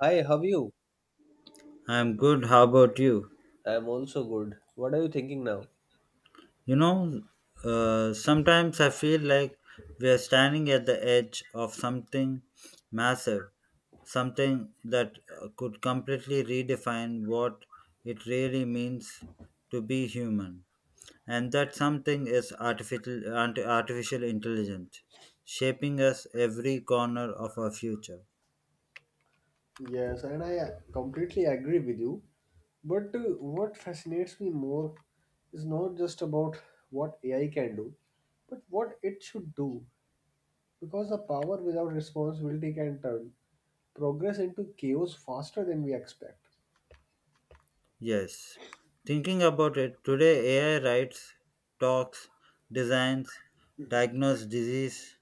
Hi, how are you? I'm good. How about you? I'm also good. What are you thinking now? You know, Sometimes I feel like we are standing at the edge of something massive, something that could completely redefine what it really means to be human. And that something is artificial intelligence, shaping us every corner of our future. Yes, and I completely agree with you. But what fascinates me more is not just about what AI can do, but what it should do. Because the power without responsibility can turn progress into chaos faster than we expect. Yes, thinking about it, today AI writes, talks, designs, diagnoses disease,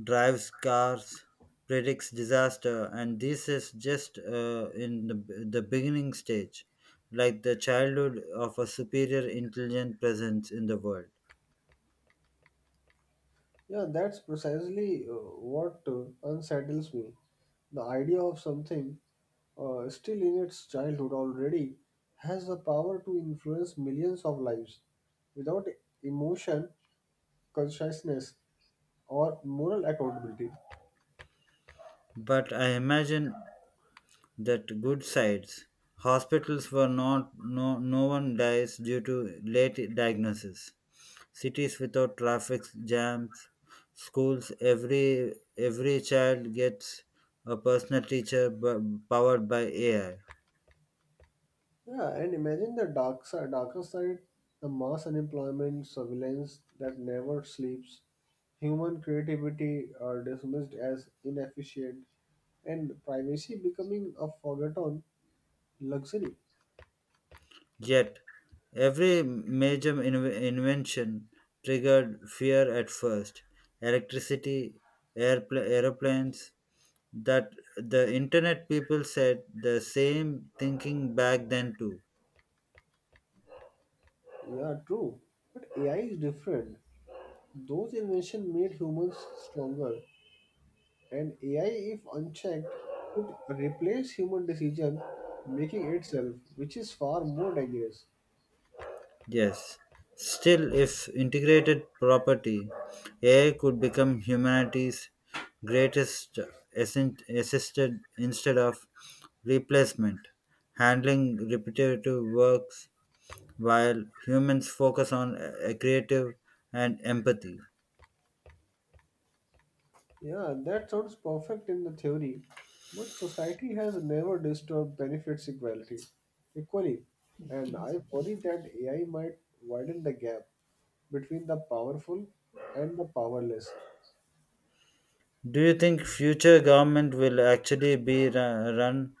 drives cars, predicts disaster, and this is just in the beginning stage, like the childhood of a superior intelligent presence in the world. Yeah, that's precisely what unsettles me. The idea of something still in its childhood already has the power to influence millions of lives without emotion, consciousness, or moral accountability. But I imagine that good sides, hospitals were not, no, no one dies due to late diagnosis, cities without traffic jams, schools every child gets a personal teacher powered by AI. Yeah, and imagine the darker side, the mass unemployment, surveillance that never sleeps, human creativity are dismissed as inefficient, and privacy becoming a forgotten luxury. Yet, every major invention triggered fear at first. Electricity, aeroplanes, that the internet, people said the same thinking back then too. Yeah, true. But AI is different. Those inventions made humans stronger, and AI, if unchecked, could replace human decision making itself, which is far more dangerous. Yes. Still, if integrated property, AI could become humanity's greatest assisted instead of replacement, handling repetitive works while humans focus on a creative and empathy. Yeah, that sounds perfect in the theory, but society has never disturbed benefits equally, and I worry that AI might widen the gap between the powerful and the powerless. Do you think future government will actually be run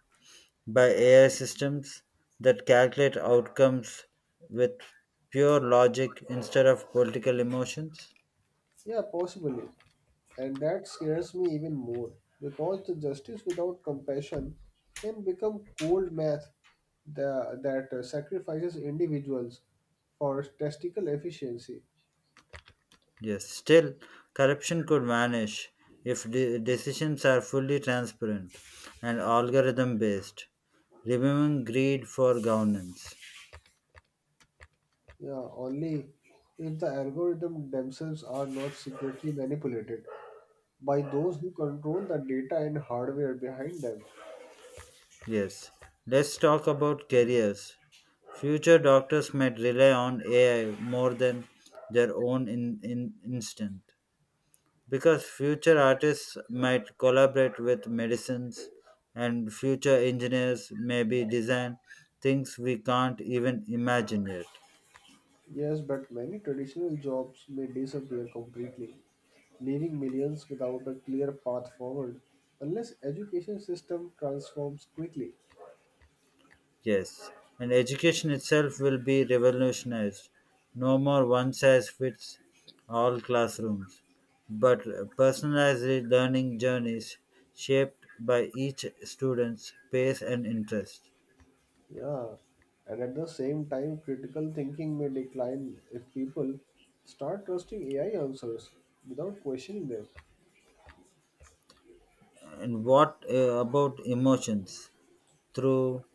by AI systems that calculate outcomes with pure logic instead of political emotions? Yeah, possibly. And that scares me even more because the justice without compassion can become cold math that sacrifices individuals for statistical efficiency. Yes, still, corruption could vanish if decisions are fully transparent and algorithm based, removing greed for governance. Yeah, only if the algorithm themselves are not secretly manipulated by those who control the data and hardware behind them. Yes, let's talk about careers. Future doctors might rely on AI more than their own in instinct, because future artists might collaborate with medicines and future engineers maybe design things we can't even imagine yet. Yes, but many traditional jobs may disappear completely, leaving millions without a clear path forward unless education system transforms quickly. Yes, and education itself will be revolutionized. No more one size fits all classrooms, but personalized learning journeys shaped by each student's pace and interest. Yeah, and at the same time critical thinking may decline if people start trusting AI answers without questioning them. And what about emotions? Through,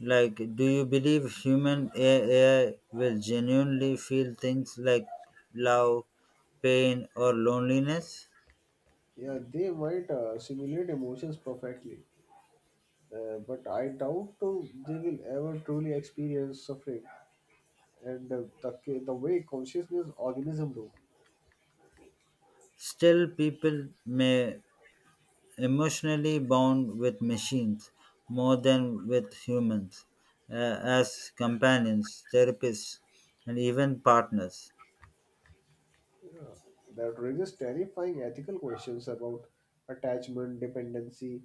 like, do you believe human AI will genuinely feel things like love, pain, or loneliness? Yeah, they might simulate emotions perfectly, but I doubt they will ever truly experience suffering, and the way consciousness organism do. Still, people may emotionally bound with machines more than with humans, uh, as companions, therapists, and even partners. Yeah. That raises terrifying ethical questions about attachment, dependency,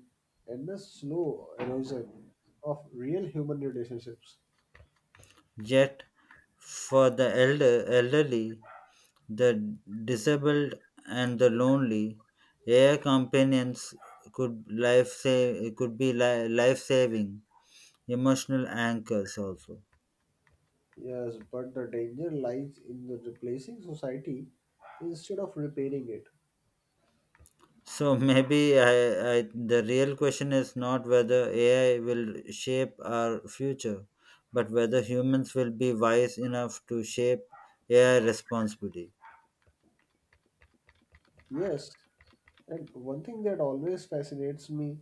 and the slow erosion of real human relationships. Yet, for the elderly, the disabled, and the lonely, AI companions could could be life saving emotional anchors also. Yes, but the danger lies in the replacing society instead of repairing it. So maybe the real question is not whether AI will shape our future, but whether humans will be wise enough to shape AI responsibly. Yes, and one thing that always fascinates me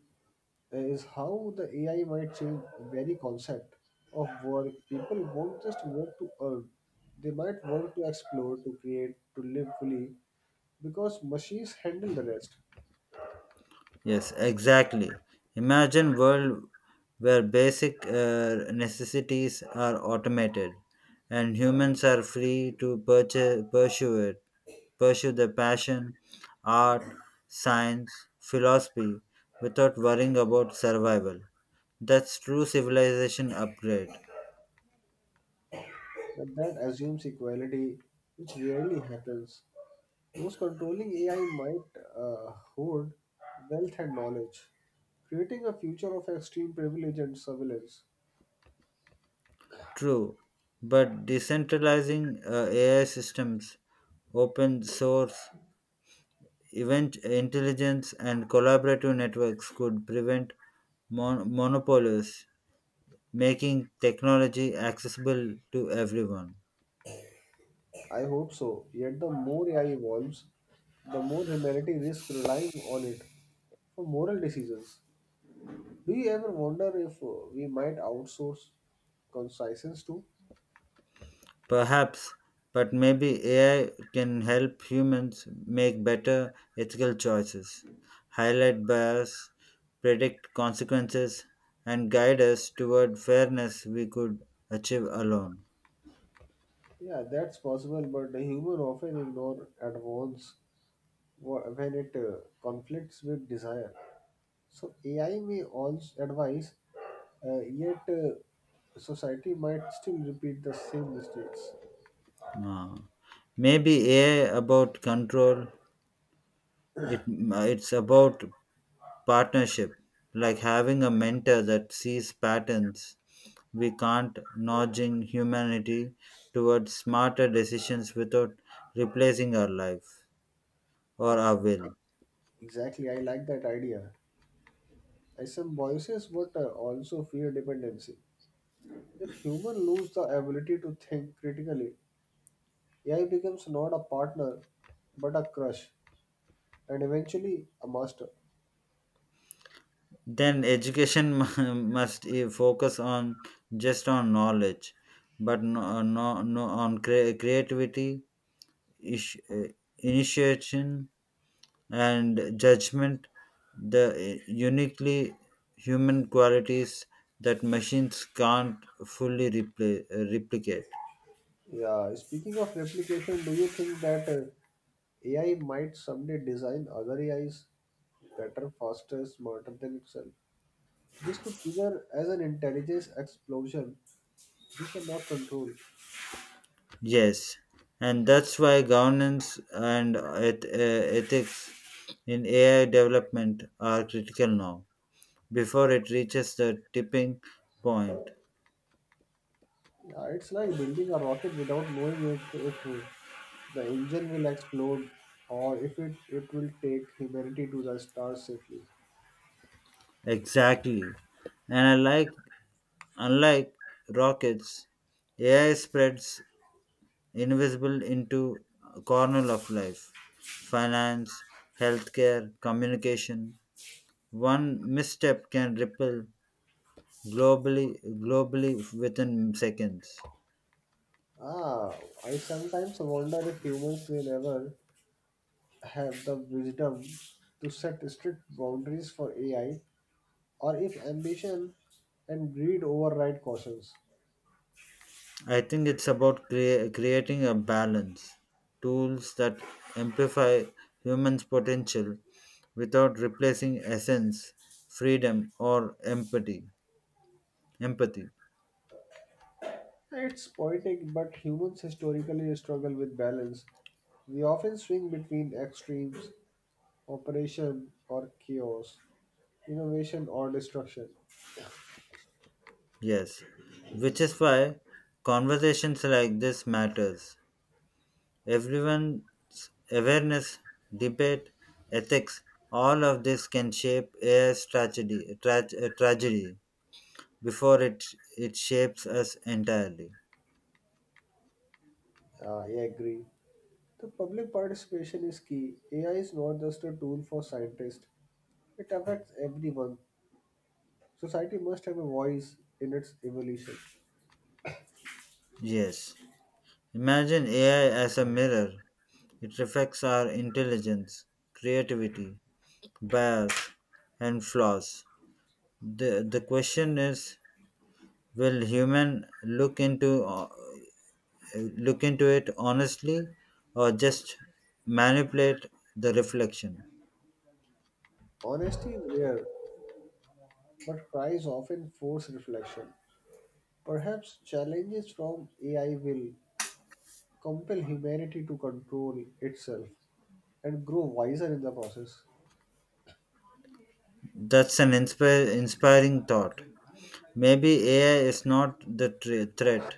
is how the AI might change very concept of work. People won't just work to earn; they might work to explore, to create, to live fully because machines handle the rest. Yes, exactly. Imagine world where basic necessities are automated and humans are free to pursue it, pursue their passion, art, science, philosophy without worrying about survival. That's true civilization upgrade. But that assumes equality, which rarely happens. Those controlling AI might hoard wealth and knowledge, creating a future of extreme privilege and surveillance. True, but decentralizing AI systems, open source, Event intelligence and collaborative networks could prevent monopolies, making technology accessible to everyone. I hope so. Yet the more AI evolves, the more humanity risks relying on it for moral decisions. Do you ever wonder if we might outsource conscience too? Perhaps, but maybe AI can help humans make better ethical choices, highlight bias, predict consequences, and guide us toward fairness we could achieve alone. Yeah, that's possible, but the human often ignore at once when it conflicts with desire. So AI may also advise, yet society might still repeat the same mistakes. Ah. Maybe AI about control. It's about partnership, like having a mentor that sees patterns we can't, nudging humanity towards smarter decisions without replacing our life or our will. Exactly, I like that idea. Some voices, but also fear dependency. If human lose the ability to think critically, AI becomes not a partner but a crush, and eventually a master. Then education focus on just on knowledge, but no on creativity, ish, uh, initiation, and judgment, the uniquely human qualities that machines can't fully replicate. Yeah, speaking of replication, do you think that AI might someday design other AIs better, faster, smarter than itself? This could trigger as an intelligence explosion we cannot control. Yes, and that's why governance and ethics in AI development are critical now before it reaches the tipping point. Yeah, it's like building a rocket without knowing it, if the engine will explode or if it will take humanity to the stars safely. Exactly. And unlike rockets, AI spreads invisible into corner of life, finance, healthcare, communication. One misstep can ripple globally globally within seconds. Ah, I sometimes wonder if humans will ever have the wisdom to set strict boundaries for AI, or if ambition and greed override cautions. I think it's about creating a balance, tools that amplify humans potential without replacing essence, freedom or empathy. It's poetic, but humans historically struggle with balance. We often swing between extremes: operation or chaos, innovation or destruction. Yes, which is why conversations like this matters. Everyone's awareness, debate, ethics, all of this can shape AI's tragedy before it shapes us entirely. Ah, I agree. The public participation is key. AI is not just a tool for scientists, it affects everyone. Society must have a voice in its evolution. Yes. Imagine AI as a mirror. It reflects our intelligence, creativity, bias, and flaws. The question is, will human look into it honestly or just manipulate the reflection? Honesty is rare, but cries often force reflection. Perhaps challenges from AI will compel humanity to control itself and grow wiser in the process. That's an inspire inspiring thought. Maybe AI is not the threat,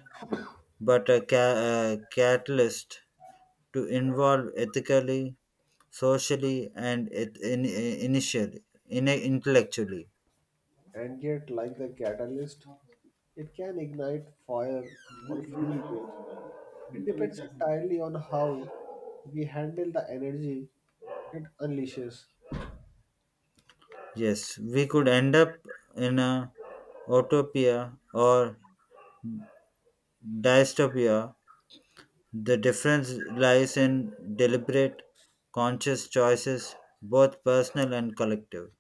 but a catalyst to involve ethically, socially, and initially, intellectually. And yet, like the catalyst, it can ignite fire or fuel growth. It depends entirely on how we handle the energy it unleashes. Yes, we could end up in a utopia or dystopia. The difference lies in deliberate, conscious choices, both personal and collective.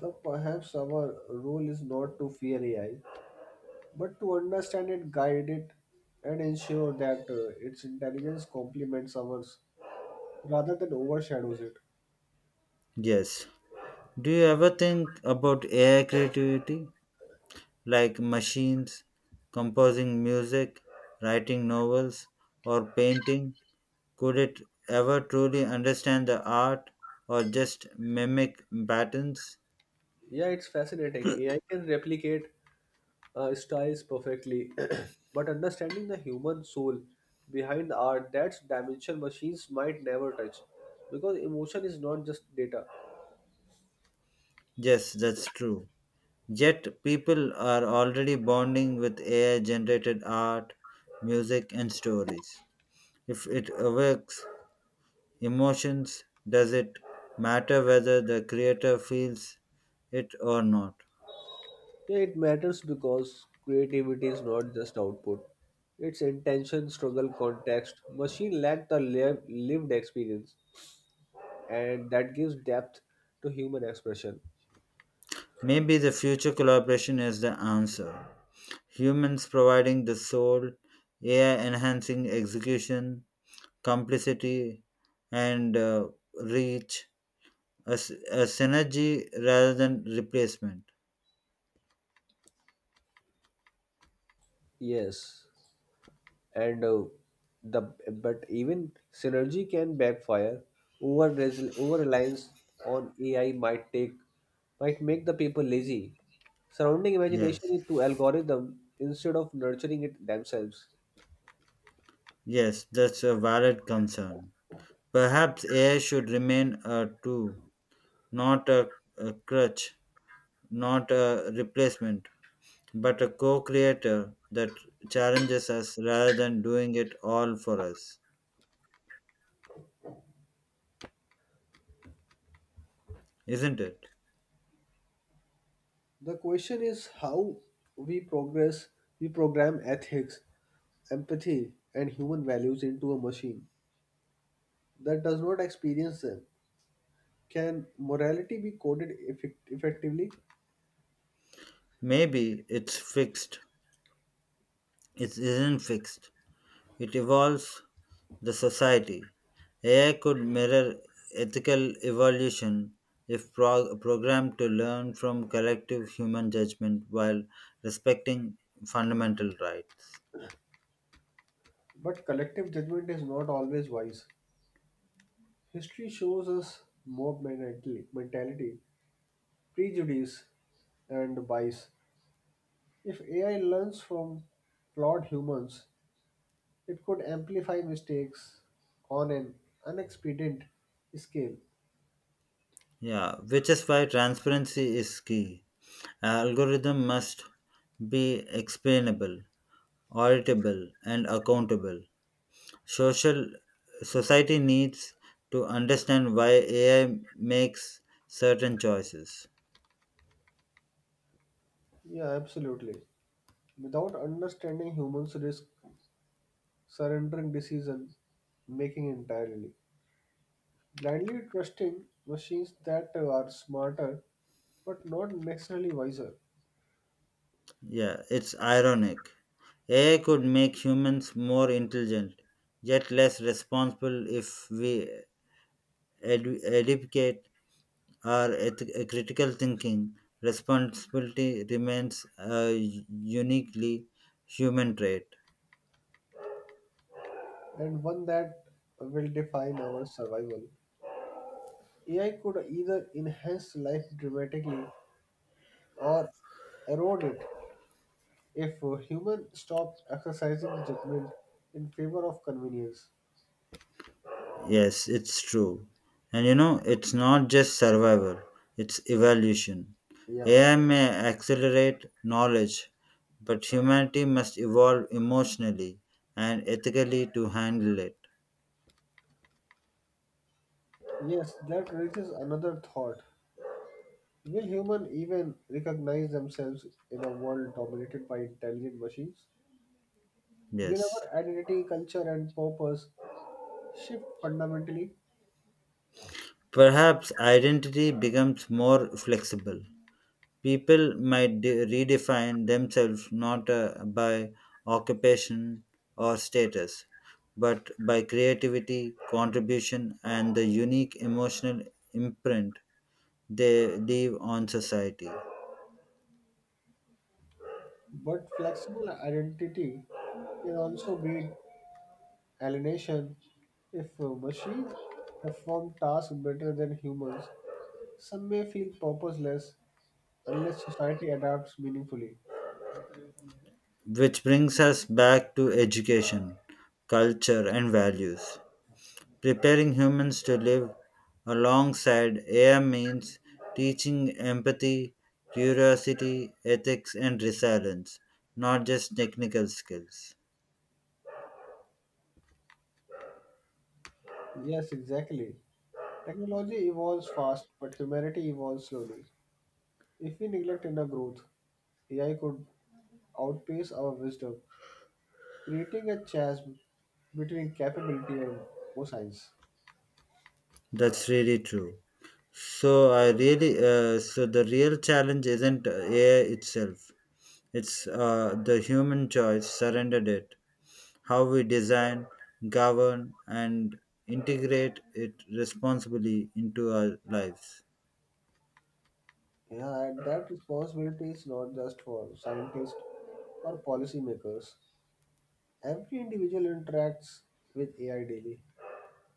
The Perhaps our role is not to fear AI, but to understand it, guide it, and ensure that its intelligence complements ours rather than overshadows it. Yes. Do you ever think about AI creativity, like machines composing music, writing novels, or painting? Could it ever truly understand the art or just mimic patterns? Yeah, it's fascinating. AI can replicate styles perfectly, but understanding the human soul behind the art, that's dimension machines might never touch. Because emotion is not just data. Yes, that's true. Yet people are already bonding with AI generated art, music, and stories. If it evokes emotions, does it matter whether the creator feels it or not? Yeah, it matters because creativity is not just output. It's intention, struggle, context. Machine lack the lived experience, and that gives depth to human expression. Maybe the future collaboration is the answer. Humans providing the soul, AI enhancing execution, complicity, and reach, a synergy rather than replacement. Yes. and the but even synergy can backfire. Over reliance on AI might make the people lazy, surrounding imagination Yes, it to algorithm instead of nurturing it themselves. yes, that's a valid concern. Perhaps AI should remain a tool, not a, a crutch, not a replacement, but a co creator that challenges us rather than doing it all for us. Isn't it? The question is, how we progress we program ethics, empathy and human values into a machine that does not experience them? Can morality be coded effectively? Maybe it's fixed. It isn't fixed. It evolves the society. AI could mirror ethical evolution if programmed to learn from collective human judgment while respecting fundamental rights. But collective judgment is not always wise. History shows us mob mentality, prejudice, and bias. If AI learns from flawed humans, it could amplify mistakes on an unexpected scale. Yeah, which is why transparency is key. Algorithm must be explainable, auditable, and accountable. Social Society needs to understand why AI makes certain choices. Yeah, absolutely. Without understanding, humans risk surrendering decision making entirely, blindly trusting machines that are smarter but not necessarily wiser. Yeah, it's ironic. AI could make humans more intelligent yet less responsible. If we educate our critical thinking, responsibility remains a uniquely human trait. And one that will define our survival, AI could either enhance life dramatically or erode it if humans stop exercising judgment in favor of convenience. Yes, it's true. And you know, it's not just survival, it's evolution. Yes. AI may accelerate knowledge, but humanity must evolve emotionally and ethically to handle it. Yes, that raises another thought. Will humans even recognize themselves in a world dominated by intelligent machines? Will Yes. our identity, culture, and purpose shift fundamentally? Perhaps identity becomes more flexible. People might redefine themselves not by occupation or status, but by creativity, contribution, and the unique emotional imprint they leave on society. But flexible identity can also breed alienation. If a machine perform tasks better than humans, some may feel purposeless unless society adapts meaningfully. Which brings us back to education, culture, and values. Preparing humans to live alongside AI means teaching empathy, curiosity, ethics, and resilience, not just technical skills. Yes, exactly. Technology evolves fast, but humanity evolves slowly. If we neglect inner growth, AI could outpace our wisdom, creating a chasm between capability and science. That's really true. So the real challenge isn't AI itself. It's the human choice surrendered it, how we design, govern, and integrate it responsibly into our lives. Yeah, and that responsibility is not just for scientists or policymakers. Every individual interacts with AI daily.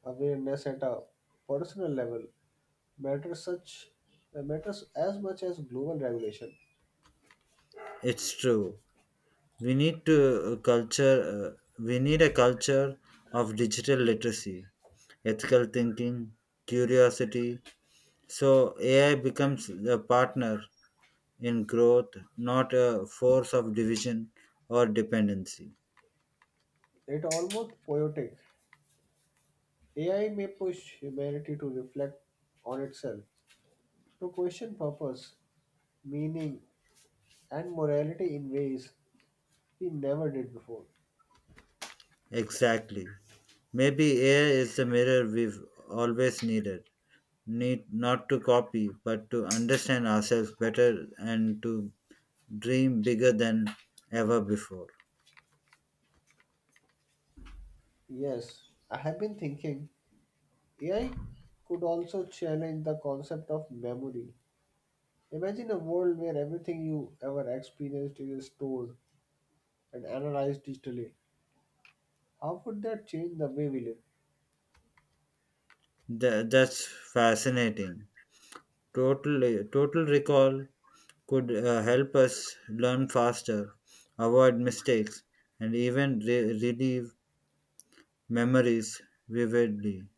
Awareness at a personal level matters such matters as much as global regulation. It's true. We need to culture. We need a culture of digital literacy, ethical thinking, curiosity. So AI becomes a partner in growth, not a force of division or dependency. It almost poetic. AI may push humanity to reflect on itself, to question purpose, meaning, and morality in ways we never did before. Exactly. Maybe AI is the mirror we've always needed. Need not to copy, but to understand ourselves better and to dream bigger than ever before. Yes, I have been thinking AI could also challenge the concept of memory. Imagine a world where everything you ever experienced is stored and analyzed digitally. How would that change the way we live? That's fascinating. Total recall could help us learn faster, avoid mistakes, and even relive memories vividly.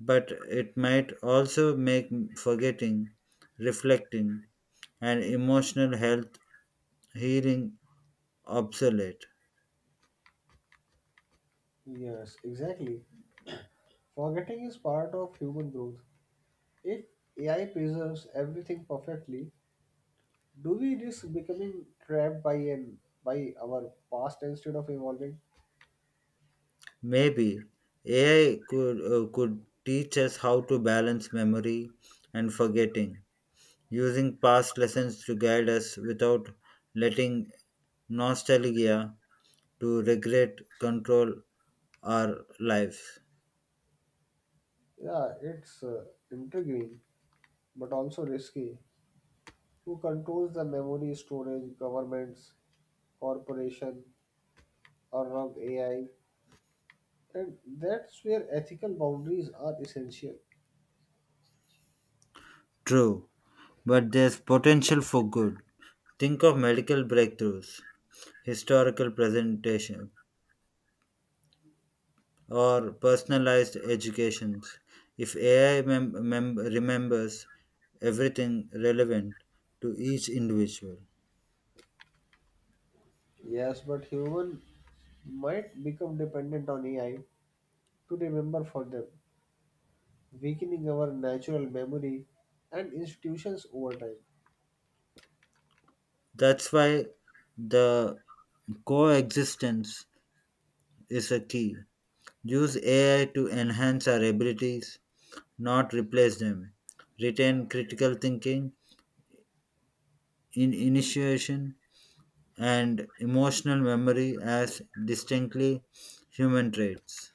But it might also make forgetting, reflecting, and emotional health healing obsolete. Yes, exactly. Forgetting is part of human growth. If AI preserves everything perfectly, do we risk becoming trapped by our past instead of evolving? Maybe AI could teach us how to balance memory and forgetting, using past lessons to guide us without letting nostalgia to regret control our lives. Yeah, it's intriguing but also risky. Who controls the memory storage? Governments, corporation, or run AI? And that's where ethical boundaries are essential. True, but there's potential for good. Think of medical breakthroughs, historical presentation, or personalized educations. If AI remembers everything relevant to each individual, Yes, but humans might become dependent on AI to remember for them, weakening our natural memory and institutions over time. that's why the coexistence is a key. Use AI to enhance our abilities, not replace them. Retain critical thinking, in initiation, and emotional memory as distinctly human traits.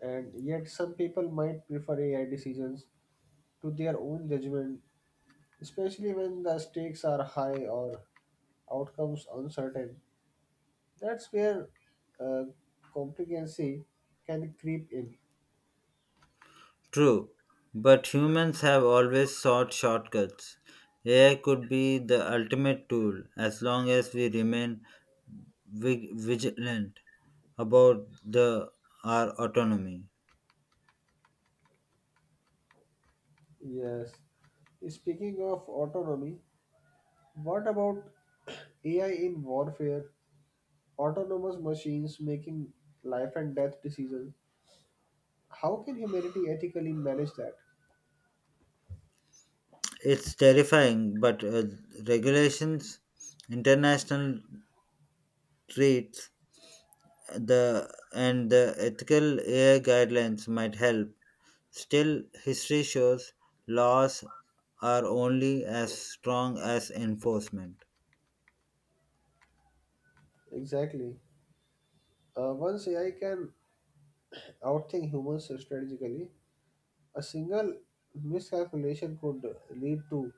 And yet, some people might prefer AI decisions to their own judgment, especially when the stakes are high or outcomes uncertain. That's where uh, complacency can creep in. True, but humans have always sought shortcuts. AI could be the ultimate tool as long as we remain vigilant about the our autonomy. Yes. Speaking of autonomy, what about AI in warfare? Autonomous machines making life and death decisions. How can humanity ethically manage that? It's terrifying, but regulations, international treats, the ethical AI guidelines might help. Still, history shows laws are only as strong as enforcement. Exactly. Once AI can outthink humans strategically, a single miscalculation could lead to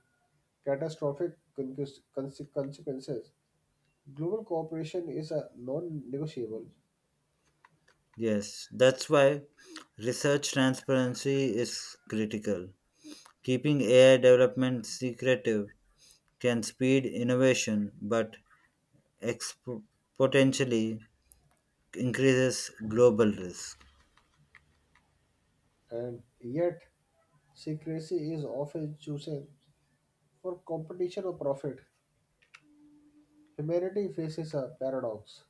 catastrophic consequences. Global cooperation is a non negotiable, Yes, that's why research transparency is critical. Keeping AI development secretive can speed innovation, but exp- potentially increases global risk. and yet secrecy is often chosen for competition or profit. Humanity faces a paradox: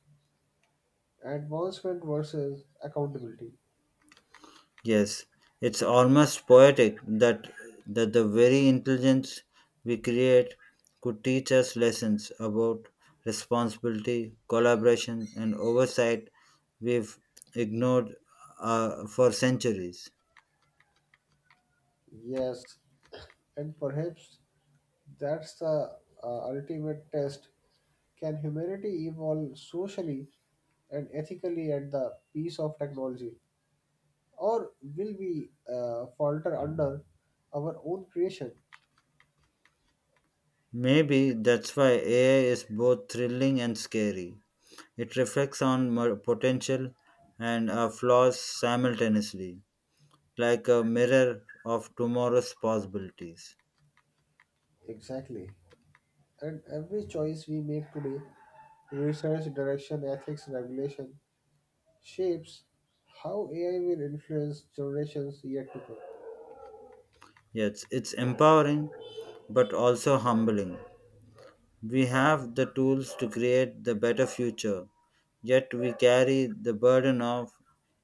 advancement versus accountability. Yes, it's almost poetic that the very intelligence we create could teach us lessons about responsibility, collaboration, and oversight we've ignored for centuries. Yes, and perhaps that's the ultimate test. Can humanity evolve socially and ethically at the pace of technology? Or will we falter under our own creation? Maybe that's why AI is both thrilling and scary. It reflects on potential and our flaws simultaneously, like a mirror of tomorrow's possibilities. Exactly. And every choice we make today, research, direction, ethics, regulation, shapes how AI will influence generations yet to come. Yes, it's empowering but also humbling. We have the tools to create the better future, yet we carry the burden of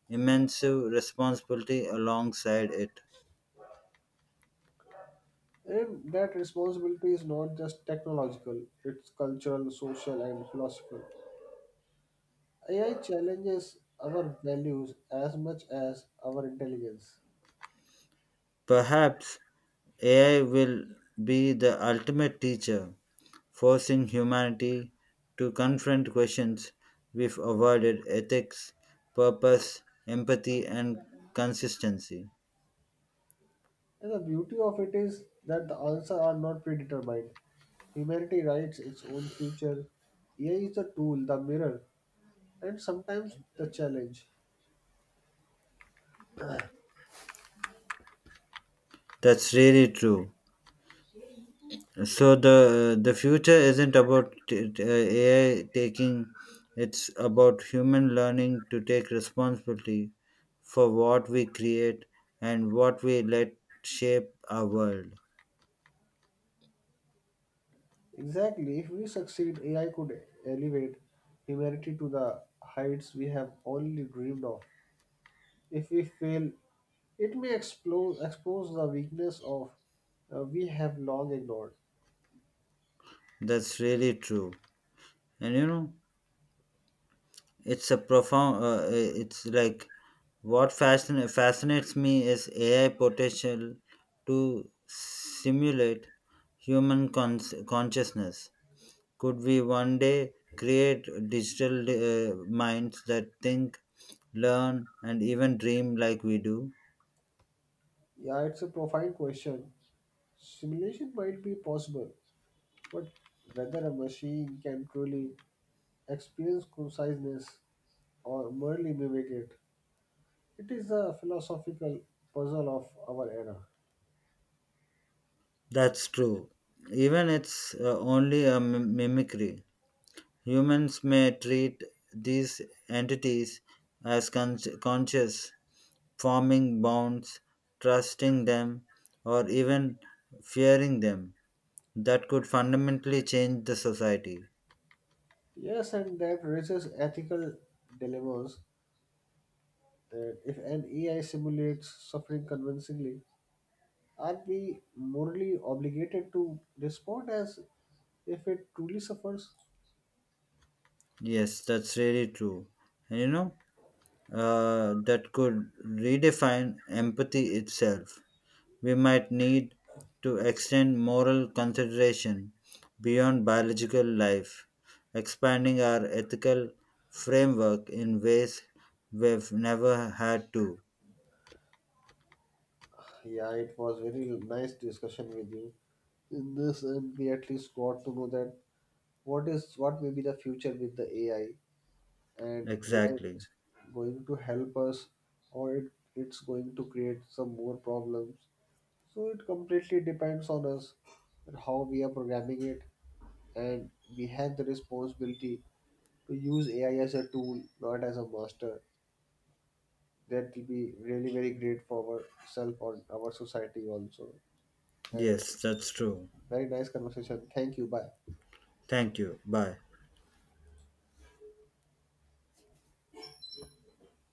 immense responsibility alongside it. And that responsibility is not just technological, it's cultural, social, and philosophical. AI challenges our values as much as our intelligence. Perhaps AI will be the ultimate teacher, forcing humanity to confront questions we've avoided: ethics, purpose, empathy, and consistency. And the beauty of it is that the answers are not predetermined. Humanity writes its own future. AI is the tool, the mirror, and sometimes the challenge. That's really true. So the future isn't about AI taking; it's about human learning to take responsibility for what we create and what we let shape our world. Exactly. If we succeed, AI could elevate humanity to the heights we have only dreamed of. If we fail, it may expose the weakness of we have long ignored. That's really true. And you know, it's a profound. It's like, what fascinates me is AI potential to simulate human consciousness. Could we one day create digital minds that think, learn, and even dream like we do? Yeah, it's a profound question. Simulation might be possible, but whether a machine can truly experience conciseness or merely mimic it, it is a philosophical puzzle of our era. That's true. Even it's only a mimicry. Humans may treat these entities as conscious, forming bonds, trusting them, or even fearing them. That could fundamentally change the society. Yes, and that raises ethical dilemmas. If an AI simulates suffering convincingly, are we morally obligated to respond as if it truly suffers? Yes, that's really true. And you know, that could redefine empathy itself. We might need to extend moral consideration beyond biological life, expanding our ethical framework in ways we've never had to. Yeah, it was very nice discussion with you in this, and we at least got to know that what may be the future with the AI, and AI Exactly. is going to help us, or it's going to create some more problems. So it completely depends on us, and how we are programming it, and we have the responsibility to use AI as a tool, not as a master. That will be really very great for ourselves or our society also. And Yes, that's true. very nice conversation. Thank you. Bye. Thank you. Bye.